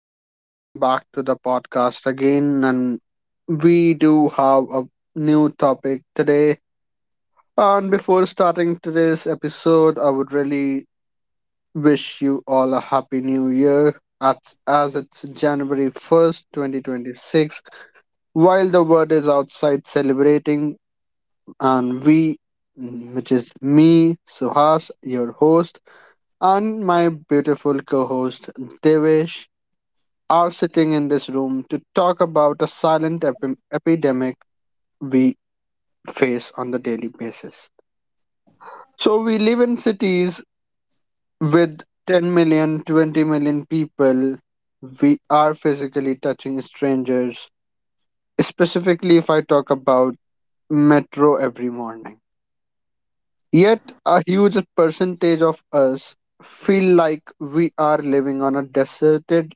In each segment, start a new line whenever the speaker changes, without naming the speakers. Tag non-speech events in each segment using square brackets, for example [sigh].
guys, welcome back to the podcast again, and we do have a new topic today. And before starting today's episode, I would really wish you all a happy new year. As it's January 1st, 2026, while the world is outside celebrating, and we, which is me, Suhas, your host, and my beautiful co host, Devesh, are sitting in this room to talk about a silent epidemic we face on the daily basis. So we live in cities with 10 million, 20 million people. We are physically touching strangers, specifically if I talk about metro every morning. Yet a huge percentage of us feel like we are living on a deserted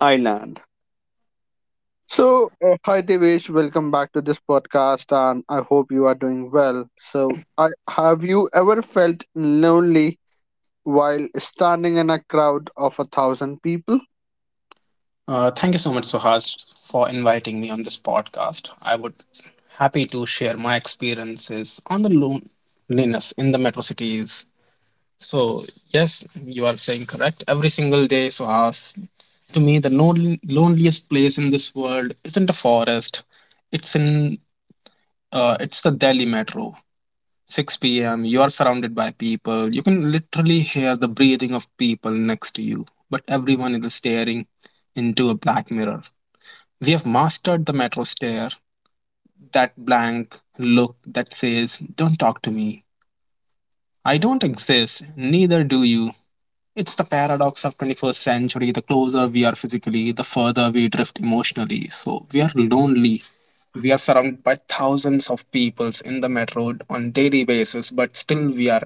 island. So, hi Devesh, welcome back to this podcast, and I hope you are doing well. So, I have you ever felt lonely while standing in a crowd of a thousand people?
Thank you so much, Suhas, for inviting me on this podcast. I would happy to share my experiences on the loneliness in the metro cities. So yes, you are saying correct. Every single day, Suhas, to me, the loneliest place in this world isn't a forest. It's in it's the Delhi metro. 6 p.m. You are surrounded by people. You can literally hear the breathing of people next to you, but everyone is staring into a black mirror. We have mastered the metro stare, that blank look that says, "Don't talk to me. I don't exist, neither do you." It's the paradox of 21st century. The closer we are physically, the further we drift emotionally. So we are lonely. We are surrounded by thousands of people in the metro on daily basis, but still we are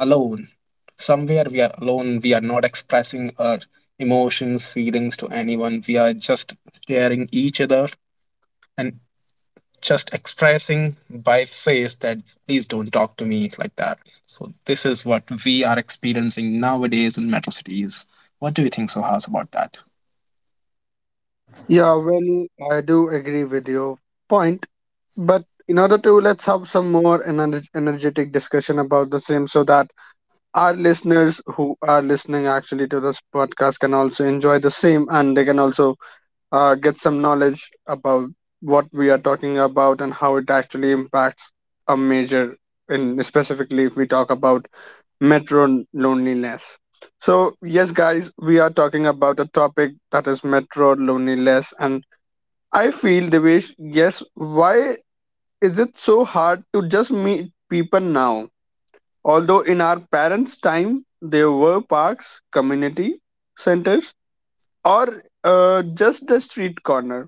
alone. Somewhere we are alone. We are not expressing our emotions, feelings to anyone. We are just staring each other and just expressing by face that please don't talk to me like that. So this is what we are experiencing nowadays in metro cities. What do you think, Sohas, about that?
Yeah, well, I do agree with your point, but in order to let's have some more energetic discussion about the same, so that our listeners who are listening actually to this podcast can also enjoy the same, and they can also get some knowledge about what we are talking about and how it actually impacts a major in specifically if we talk about metro loneliness. So yes guys, we are talking about a topic that is metro loneliness, and I feel the way, yes, why is it so hard to just meet people now? Although in our parents time there were parks, community centers, or just the street corner.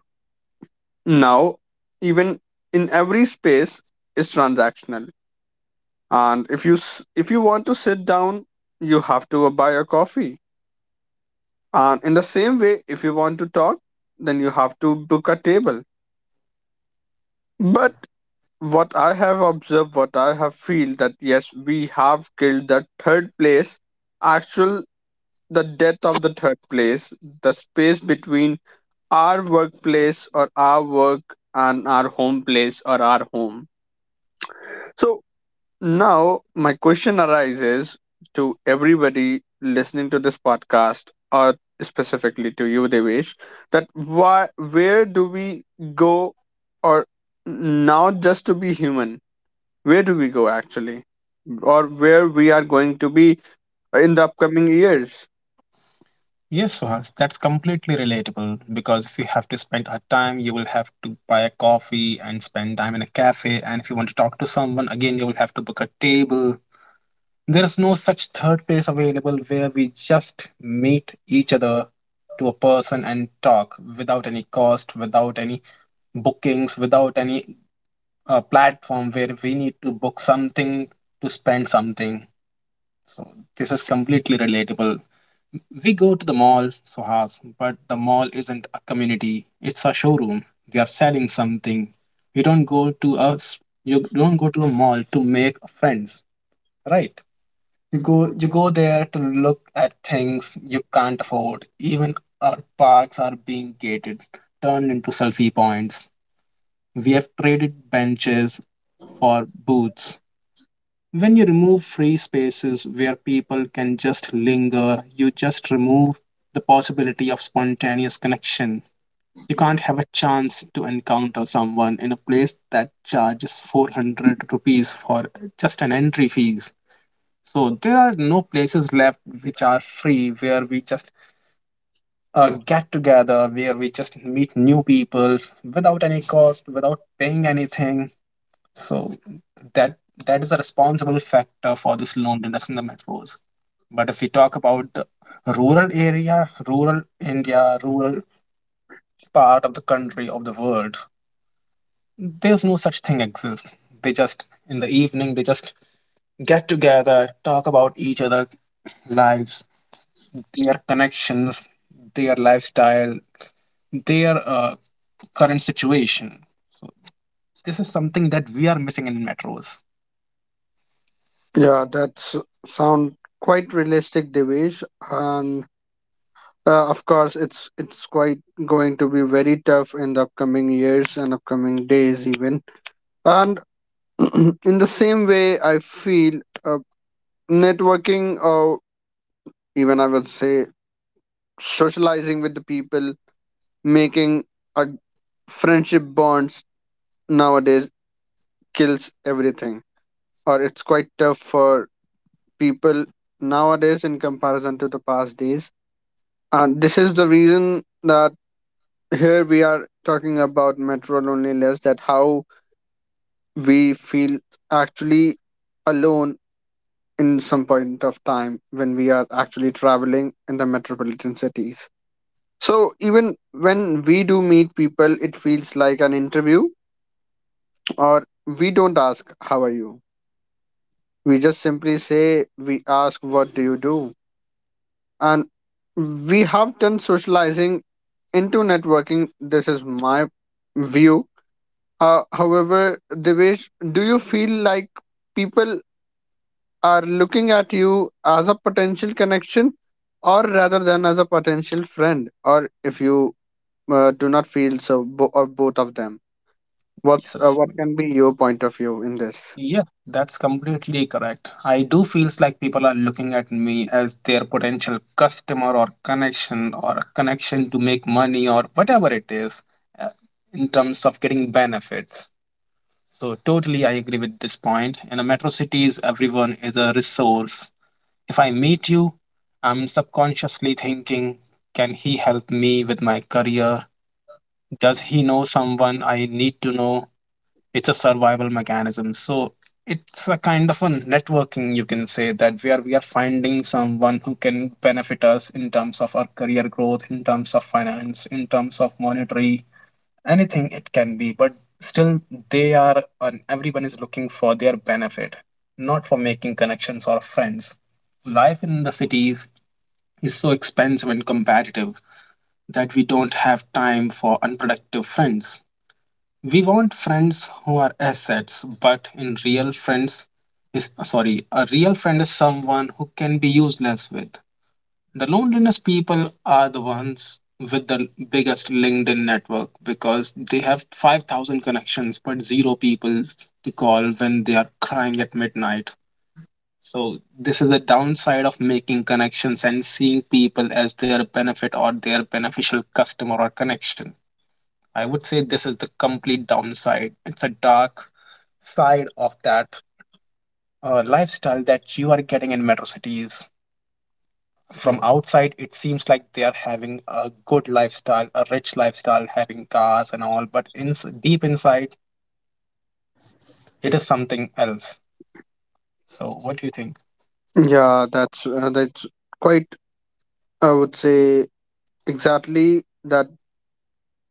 Now even in every space is transactional, and if you if you want to sit down you have to buy a coffee, and in the same way if you want to talk then you have to book a table. But what I have observed, what I have feel, that yes, we have killed the third place, actual the death of the third place, the space between our workplace or our work and our home place or our home. So now, my question arises to everybody listening to this podcast, or specifically to you, Devesh, that why, where do we go, or now just to be human? Where do we go actually, or where we are going to be in the upcoming years?
Yes, Sohas, that's completely relatable because if you have to spend a time, you will have to buy a coffee and spend time in a cafe. And if you want to talk to someone, again, you will have to book a table. There's no such third place available where we just meet each other to a person and talk without any cost, without any bookings, without any platform where we need to book something to spend something. So this is completely relatable. We go to the mall, Suhas, but the mall isn't a community. It's a showroom. They are selling something. You don't go to a You don't go to a mall to make friends, right? You go there to look at things you can't afford. Even our parks are being gated, turned into selfie points. We have traded benches for booths. When you remove free spaces where people can just linger, you just remove the possibility of spontaneous connection. You can't have a chance to encounter someone in a place that charges 400 rupees for just an entry fee. So there are no places left which are free where we just get together, where we just meet new people without any cost, without paying anything. So that that is a responsible factor for this loneliness in the metros. But if we talk about the rural area, rural India, rural part of the country of the world, there's no such thing exists. They just In the evening they just get together, talk about each other lives, their connections, their lifestyle, their current situation. This is something that we are missing in metros.
Yeah, that's sound quite realistic, Devesh, and of course, it's quite going to be very tough in the upcoming years and upcoming days even. And [clears throat] in the same way, I feel networking, or even I would say socializing with the people, making a friendship bonds nowadays kills everything, or it's quite tough for people nowadays in comparison to the past days. And this is the reason that here we are talking about metro loneliness, that how we feel actually alone in some point of time when we are actually traveling in the metropolitan cities. So even when we do meet people, it feels like an interview, or we don't ask, How are you? We just simply say, we ask, What do you do? And we have turned socializing into networking. This is my view. However, Devesh, do you feel like people are looking at you as a potential connection or rather than as a potential friend, or if you do not feel so or both of them, what's
Yes,
what can be your point of view in this?
yeah, that's completely correct. I do feels like people are looking at me as their potential customer or connection or a connection to make money or whatever it is uh, in terms of getting benefits. So totally I agree with this point. In a metro cities, everyone is a resource. If I meet you, I'm subconsciously thinking, can he help me with my career? Does he know someone I need to know? It's a survival mechanism. So it's a kind of a networking, you can say that, where we are finding someone who can benefit us in terms of our career growth, in terms of finance, in terms of monetary, anything it can be, but still they are, and everyone is looking for their benefit, not for making connections or friends. Life in the cities is so expensive and competitive that we don't have time for unproductive friends. We want friends who are assets, but in real friends is sorry, a real friend is someone who can be useless with the loneliness. People are the ones with the biggest LinkedIn network because they have 5,000 connections but zero people to call when they are crying at midnight. So, this is the downside of making connections and seeing people as their benefit or their beneficial customer or connection. I would say this is the complete downside. It's a dark side of that lifestyle that you are getting in metro cities. From outside it seems like they are having a good lifestyle, a rich lifestyle, having cars and all, but in deep inside it is something else. So what do you think?
Yeah, that's quite, I would say exactly that,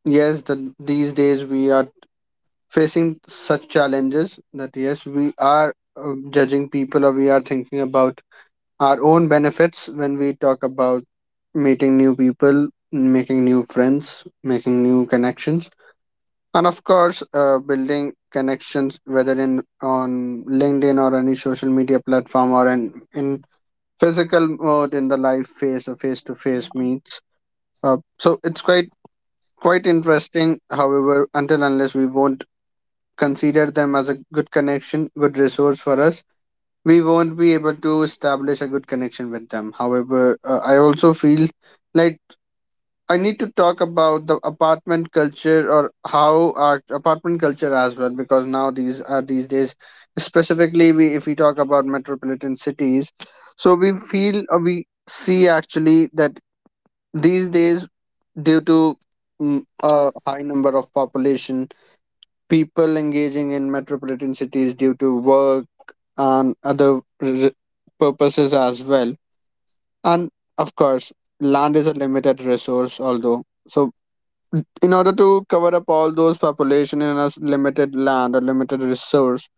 yes, that these days we are facing such challenges that yes we are judging people or we are thinking about our own benefits when we talk about meeting new people, making new friends, making new connections, and of course, building connections whether in on LinkedIn or any social media platform or in physical mode, in the live face or face to face meets. So it's quite interesting. However, until unless we won't consider them as a good connection, good resource for us, we won't be able to establish a good connection with them. However, I also feel like I need to talk about the apartment culture, or how our apartment culture as well, because now these days, specifically, we, if we talk about metropolitan cities, so we feel we see actually that these days, due to a high number of population, people engaging in metropolitan cities due to work and other purposes as well, and of course, land is a limited resource, although, so in order to cover up all those population in a limited land or limited resource,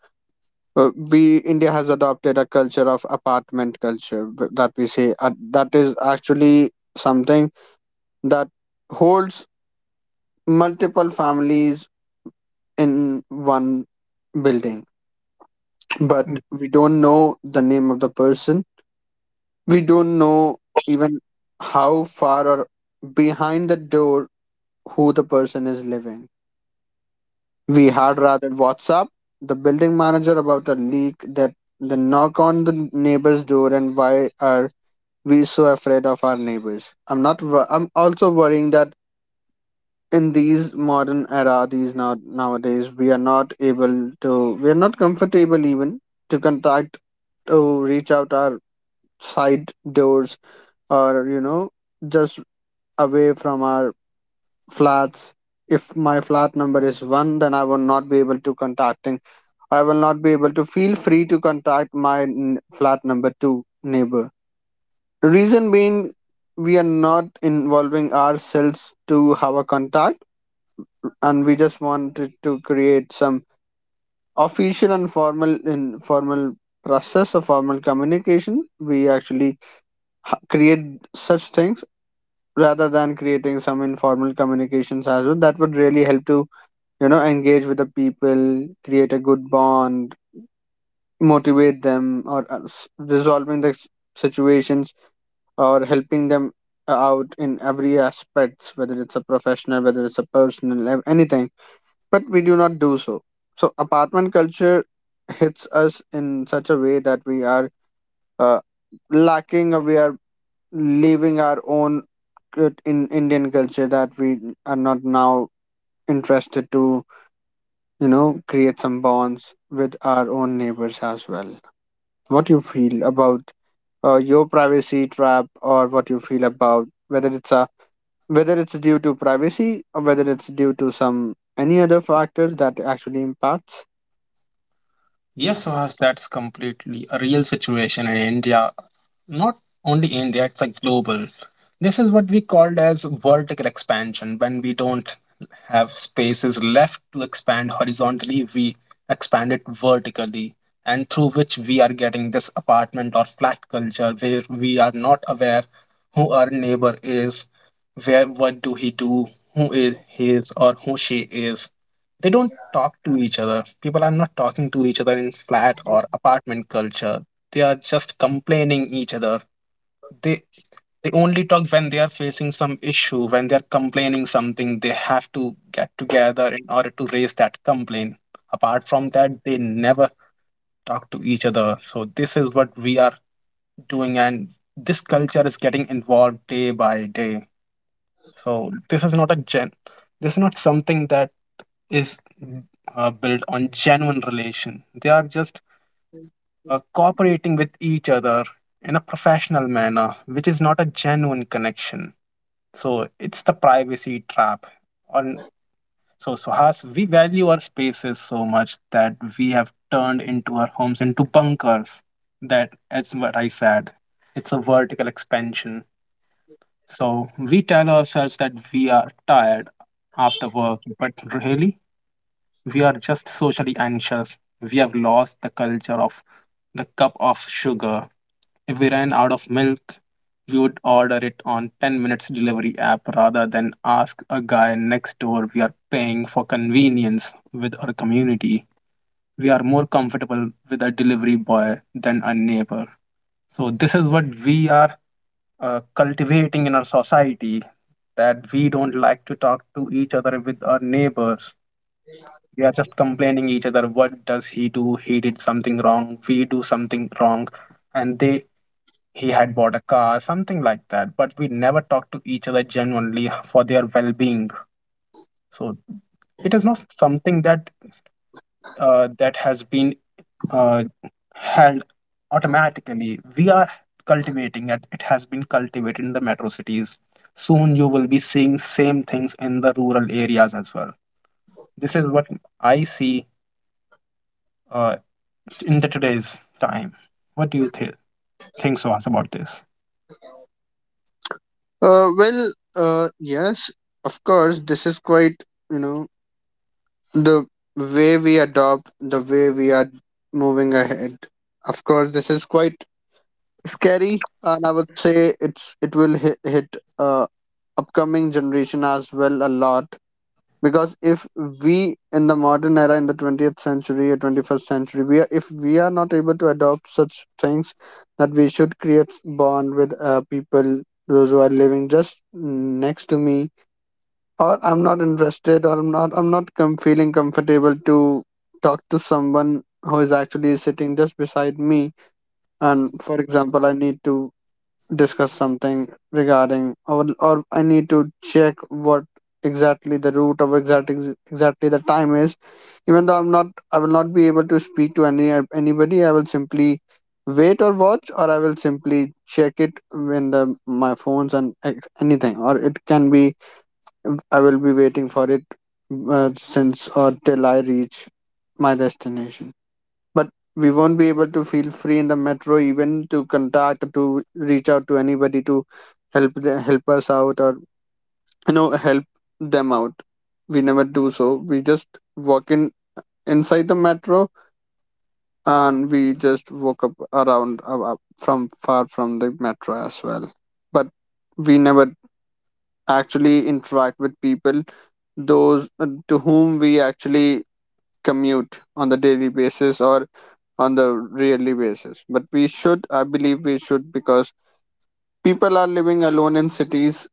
we india has adopted a culture of apartment culture that we say, that is actually something that holds multiple families in one building, but
Mm.
we don't know the name of the person. We don't know even how far or behind the door who the person is living. We had rather WhatsApp the building manager about a leak that the knock on the neighbor's door, and why are we so afraid of our neighbors? I'm not. I'm also worrying that in these modern era, these now nowadays, we are not able to. We are not comfortable even to contact, to reach out our side doors, or just away from our flats. If my flat number is 1, then I will not be able to contacting. I will not be able to feel free to contact my flat number 2 neighbor. Reason being, we are not involving ourselves to have a contact, and we just wanted to create some official and formal informal process of formal communication. We actually create such things rather than creating some informal communications as well that would really help to engage with the people, create a good bond, motivate them, or resolving the situations, or helping them out in every aspects, whether it's a professional, whether it's a personal, anything. But we do not do so. So apartment culture hits us in such a way that we are uh, lacking, or we are leaving our own in indian culture, that we are not now interested to create some bonds with our own neighbors as well. What do you feel about your privacy trap, or what you feel about whether it's due to privacy, or whether it's due to some any other factor that actually impacts?
Yes, Suhas, that's completely a real situation in india, not only India, it's a global. This is what we called as vertical expansion. When we don't have spaces left to expand horizontally, we expand it vertically, and through which we are getting this apartment or flat culture where we are not aware who our neighbor is, where what do he do, who is his or who she is. They don't talk to each other. People are not talking to each other in flat or apartment culture. They are just complaining each other. They they only talk when they are facing some issue, when they are complaining something they have to get together in order to raise that complaint. Apart from that they never talk to each other. So this is what we are doing, and this culture is getting involved day by day. So this is not a gen this is not something that is built on genuine relation. They are just cooperating with each other in a professional manner, which is not a genuine connection. So it's the privacy trap. On So Suhas, we value our spaces so much that we have turned into our homes into bunkers. That is what I said. It's a vertical expansion. So we tell ourselves that we are tired after work, but really we are just socially anxious. We have lost the culture of the cup of sugar. If we ran out of milk, we would order it on 10 minutes delivery app rather than ask a guy next door. We are paying for convenience with our community. We are more comfortable with a delivery boy than a neighbor. So, this is what we are cultivating in our society, that we don't like to talk to each other with our neighbors. We are just complaining each other what does he do, he did something wrong, we do something wrong, and they he had bought a car, something like that, but we never talk to each other genuinely for their well-being. So it is not something that that has been uh, held automatically. We are cultivating it. It has been cultivated in the metro cities. Soon you will be seeing same things in the rural areas as well. This is what I see uh, in the today's time. What do think, Suhas, about this?
Well, yes, of course this is quite, you know the way we adopt, the way we are moving ahead. Of course this is quite scary, and I would say it's, it will hit upcoming generation as well a lot, because if we in the modern era in the 20th century or 21st century we are, if we are not able to adopt such things that we should create bond with people those who are living just next to me, or I'm not interested, or I'm not feeling comfortable to talk to someone who is actually sitting just beside me, and for example I need to discuss something regarding, or I need to check what exactly the route or exactly the time is. Even though I'm not, I will not be able to speak to anybody. I will simply wait or watch, or I will simply check it when the my phones and anything. Or it can be I will be waiting for it since or till I reach my destination. But we won't be able to feel free in the metro even to contact, to reach out to anybody to help us out, or help them out. We never do so. We just walk in inside the metro, and we just walk up around, from far from the metro as well. But we never actually interact with people those to whom we actually commute on the daily basis or on the yearly basis. But we should, I believe we should, because people are living alone in cities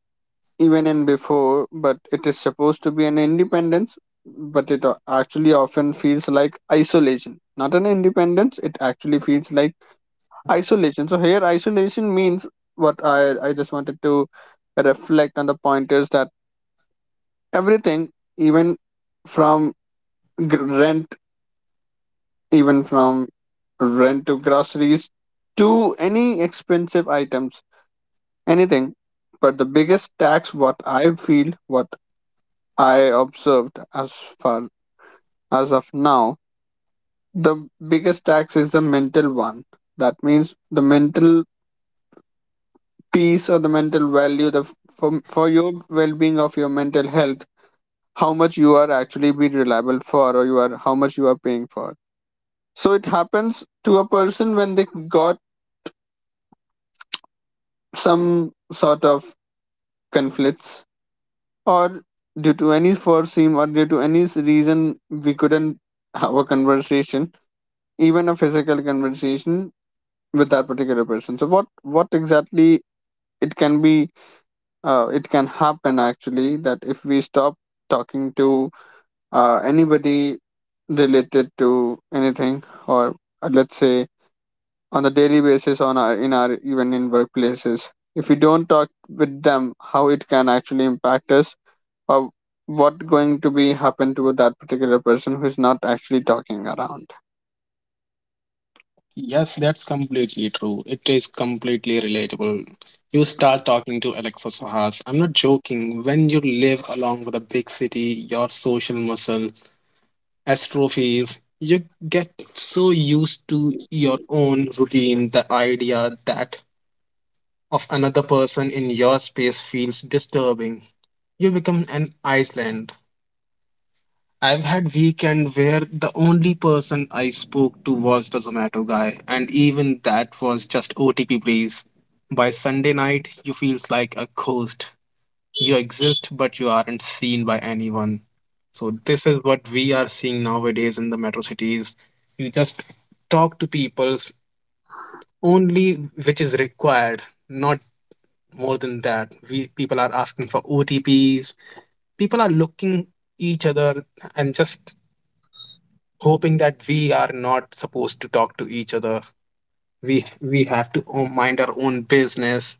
even in before, but it is supposed to be an independence. But it actually often feels like isolation, not an independence. It actually feels like isolation. So here isolation means, what I just wanted to reflect on the point is that everything, even from rent, even from rent to groceries to any expensive items, anything. But the biggest tax, what I feel, what I observed as far as of now, the biggest tax is the mental one. That means the mental peace or the mental value, for your well being of your mental health, how much you are actually be reliable for, or you are how much you are paying for. So it happens to a person when they got some sort of conflicts or due to any foreseen or due to any reason we couldn't have a conversation, even a physical conversation with that particular person. So what, what exactly it can be it can happen actually that if we stop talking to anybody related to anything, or let's say on a daily basis, on our, in our, even in workplaces, if we don't talk with them, how it can actually impact us. uh, what going to be happen to that particular person who is not actually talking around?
Yes, that's completely true. It is completely relatable. You start talking to Alexa, Suhas. I'm not joking. When you live along with a big city, your social muscle atrophies. You get so used to your own routine, the idea that of another person in your space feels disturbing. You become an island. I've had weekend where the only person I spoke to was the Zomato guy, and even that was just OTP please. By Sunday night, you feels like a ghost. You exist, but you aren't seen by anyone. So this is what we are seeing nowadays in the metro cities. You just talk to people only which is required, not more than that. We people are asking for OTPs. People are looking each other and just hoping that we are not supposed to talk to each other. We have to mind our own business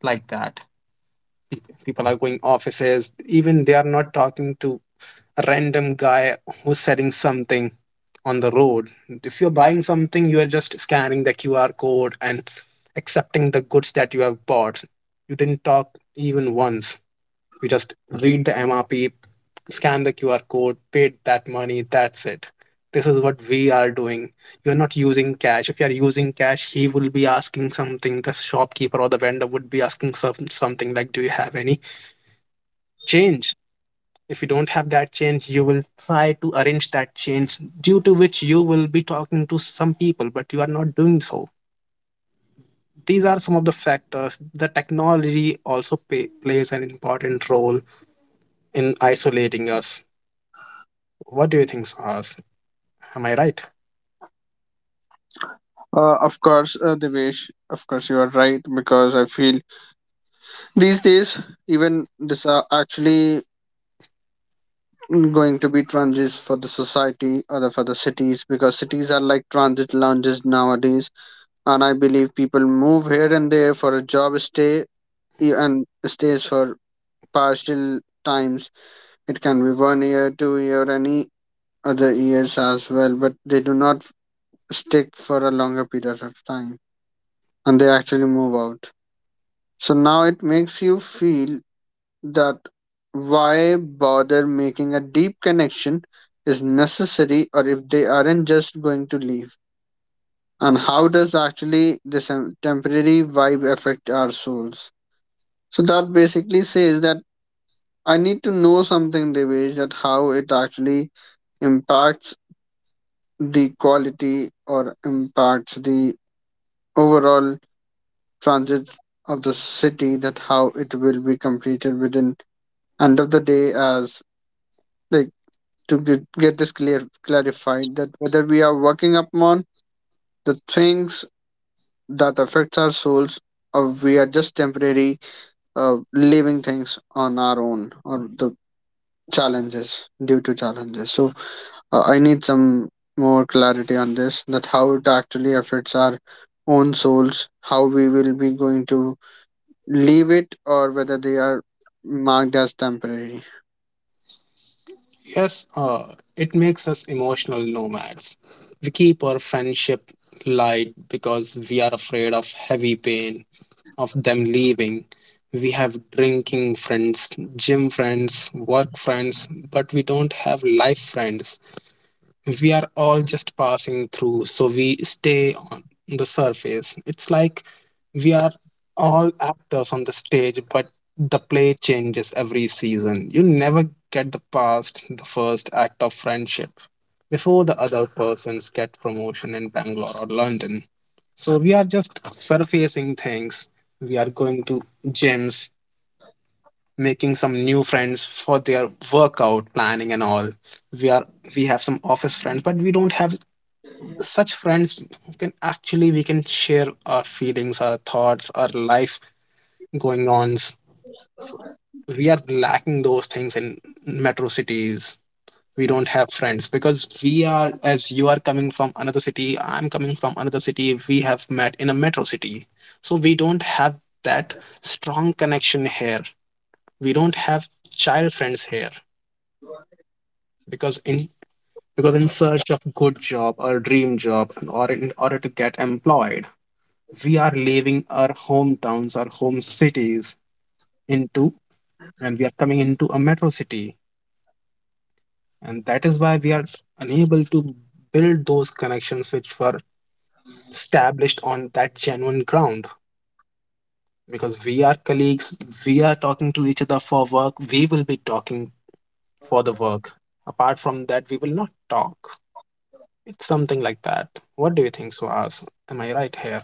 like that. People are going offices, even they are not talking to a random guy who's selling something on the road. If you're buying something, you are just scanning the QR code and accepting the goods that you have bought. You didn't talk even once. You just read the MRP, scan the QR code, paid that money, that's it. This is what we are doing. You're not using cash. If you are using cash, he will be asking something. The shopkeeper or the vendor would be asking some, something like, do you have any change? If you don't have that change, you will try to arrange that change, due to which you will be talking to some people, but you are not doing so. These are some of the factors. The technology also plays an important role in isolating us. What do you think, Sahas? Am I right?
Of course, Devesh, of course you are right, because I feel these days even this are actually going to be transit for the society, or the, for the cities, because cities are like transit lounges nowadays. And I believe people move here and there for a job stay, and stays for partial times. It can be 1 year, 2 year, any other years as well, but they do not stick for a longer period of time, and they actually move out. So now it makes you feel that why bother making a deep connection is necessary, or if they aren't just going to leave. And how does actually this temporary vibe affect our souls? So that basically says that I need to know something, Devesh, that how it actually impacts the quality, or impacts the overall transit of the city, that how it will be completed within end of the day, as like to get this clear clarified, that whether we are working upon the things that affects our souls, or we are just temporary leaving things on our own, or the challenges due to challenges. So I need some more clarity on this, that how it actually affects our own souls, how we will be going to leave it, or whether they are marked as temporary.
Yes, it makes us emotional nomads. We keep our friendship light because we are afraid of heavy pain, of them leaving. We have drinking friends, gym friends, work friends, but we don't have life friends. We are all just passing through, so we stay on the surface. It's like we are all actors on the stage, but the play changes every season. You never get the past the first act of friendship before the other persons get promotion in Bangalore or London. So we are just surfacing things. We are going to gyms, making some new friends for their workout planning and all. we are we have some office friends, but we don't have such friends who can actually we can share our feelings, our thoughts, our life going on. So we are lacking those things in metro cities. We don't have friends because we are, as you are coming from another city, I'm coming from another city, we have met in a metro city. So we don't have that strong connection here. We don't have child friends here. because in because in search of good job or dream job and or in order to get employed, we are leaving our hometowns, our home cities, into and we are coming into a metro city. And that is why we are unable to build those connections which were established on that genuine ground. Because we are colleagues, we are talking to each other for work, we will be talking for the work. Apart from that, we will not talk. It's something like that. What do you think, Suhas? Am I right here?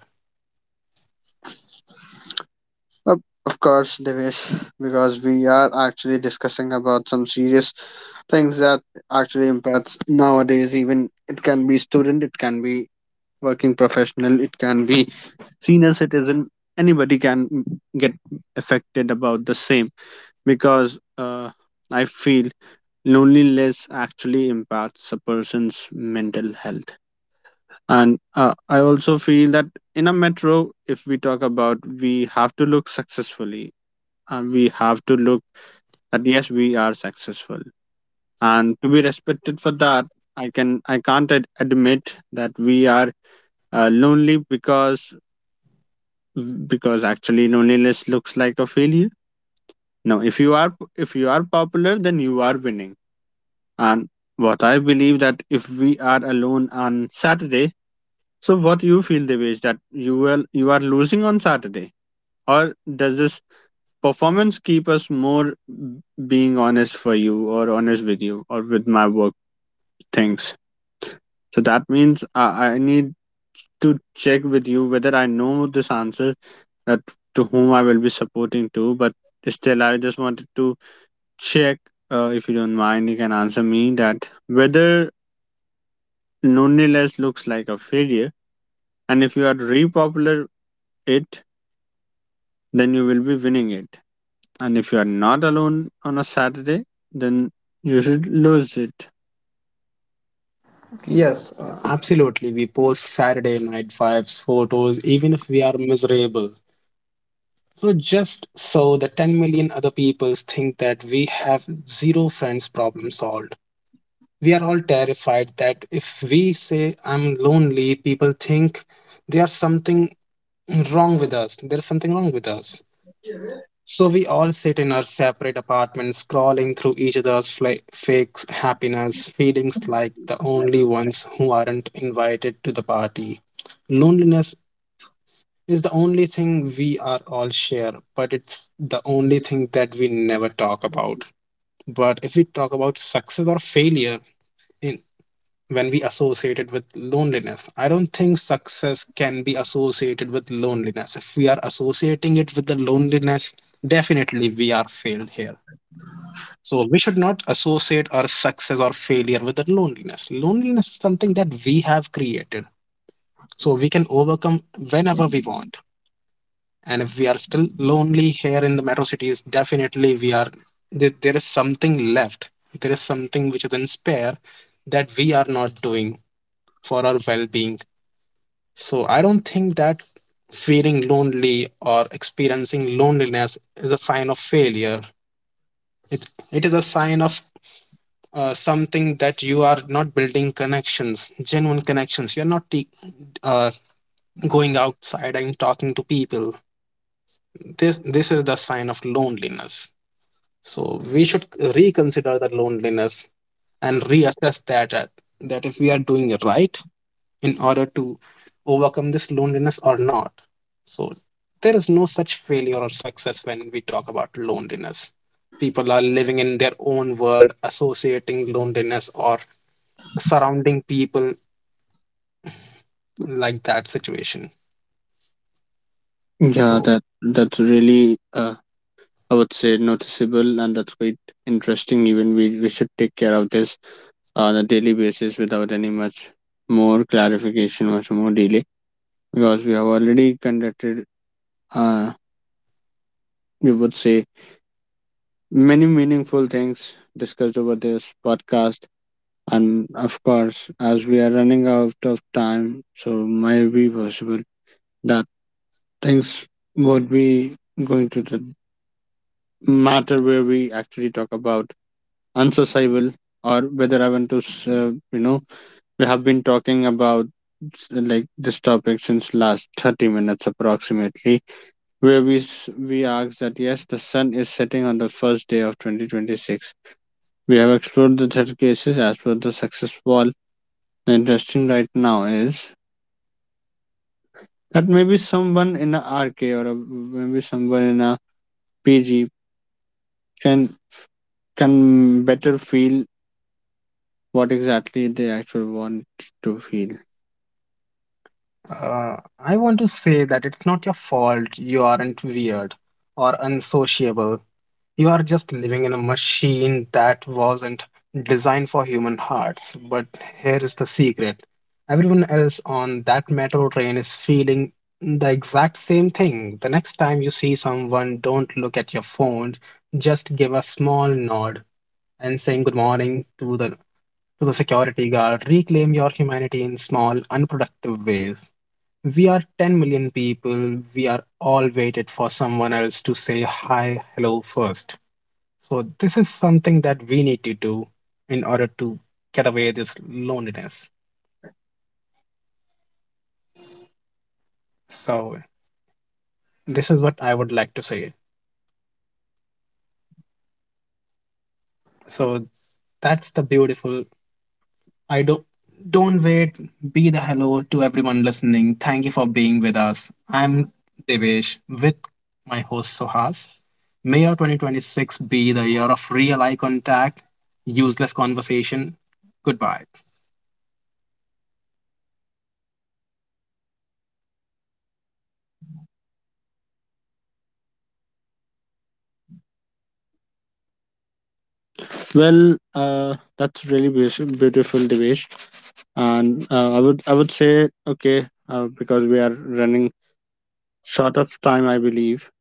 Uh, Of course, Devesh, because we are actually discussing about some serious things that actually impacts nowadays. Even it can be student, it can be working professional, it can be senior citizen. Anybody can get affected about the same, because I feel loneliness actually impacts a person's mental health. And I also feel that in a metro, if we talk about, we have to look successfully, and we have to look that yes, we are successful and to be respected for that. I can't admit that we are lonely, because actually loneliness looks like a failure. No, if you are popular, then you are winning. And what I believe, that if we are alone on Saturday, so what you feel the way is that you are losing on Saturday. Or does this performance keep us more being honest for you, or honest with you, or with my work things. So that means I need to check with you whether I know this answer, that to whom I will be supporting to, but still I just wanted to check. If you don't mind, you can answer me that whether loneliness looks like a failure, and if you are repopular it, then you will be winning it. And if you are not alone on a Saturday, then you should lose it.
Yes, absolutely. We post Saturday night vibes, photos, even if we are miserable. So just so the 10 million other people think that we have zero friends, problem solved. We are all terrified that if we say I'm lonely, people think there's something wrong with us. There's something wrong with us. So we all sit in our separate apartments, scrolling through each other's fake happiness, feelings like the only ones who aren't invited to the party. Loneliness is the only thing we are all share, but it's the only thing that we never talk about. But if we talk about success or failure in when we associate it with loneliness, I don't think success can be associated with loneliness. If we are associating it with the loneliness, definitely we are failed here. So we should not associate our success or failure with the loneliness. Loneliness is something that we have created. So we can overcome whenever we want. And if we are still lonely here in the metro cities, definitely we are there is something left. There is something which is in spare that we are not doing for our well-being. So I don't think that feeling lonely or experiencing loneliness is a sign of failure. It it is a sign of something that you are not building connections, genuine connections. You're not uh, going outside and talking to people. This is the sign of loneliness. So we should reconsider the loneliness and reassess that if we are doing it right in order to overcome this loneliness or not. So there is no such failure or success when we talk about loneliness. People are living in their own world, associating loneliness or surrounding people like that situation.
Yeah,
So
that's really I would say noticeable, and that's quite interesting. Even we should take care of this on a daily basis without any much more clarification, much more delay, because we have already conducted. Uh, you would say many meaningful things discussed over this podcast. And of course, as we are running out of time, so might be possible that things what we going to the matter where we actually talk about unsociable, or whether I want to we have been talking about like this topic since last 30 minutes approximately, where we asked that yes, the sun is setting on the first day of 2026. We have explored the third cases as per the success wall. The interesting right now is that maybe someone in a RK, or a, maybe someone in a PG can better feel what exactly they actually want to feel.
uh, I want to say that it's not your fault, you aren't weird or unsociable. You are just living in a machine that wasn't designed for human hearts. But here is the secret: everyone else on that metro train is feeling the exact same thing. The next time you see someone, don't look at your phone, just give a small nod and saying good morning to the security guard, reclaim your humanity in small, unproductive ways. We are 10 million people. We are all waited for someone else to say hi, hello first. So, this is something that we need to do in order to get away this loneliness. So, this is what I would like to say. So, that's the beautiful. I don't wait. Be the hello to everyone listening. Thank you for being with us. I'm Devesh with my host Sohas. May our 2026 be the year of real eye contact, useless conversation. Goodbye.
Well, that's really beautiful, Devesh. And I would say okay, because we are running short of time, I believe.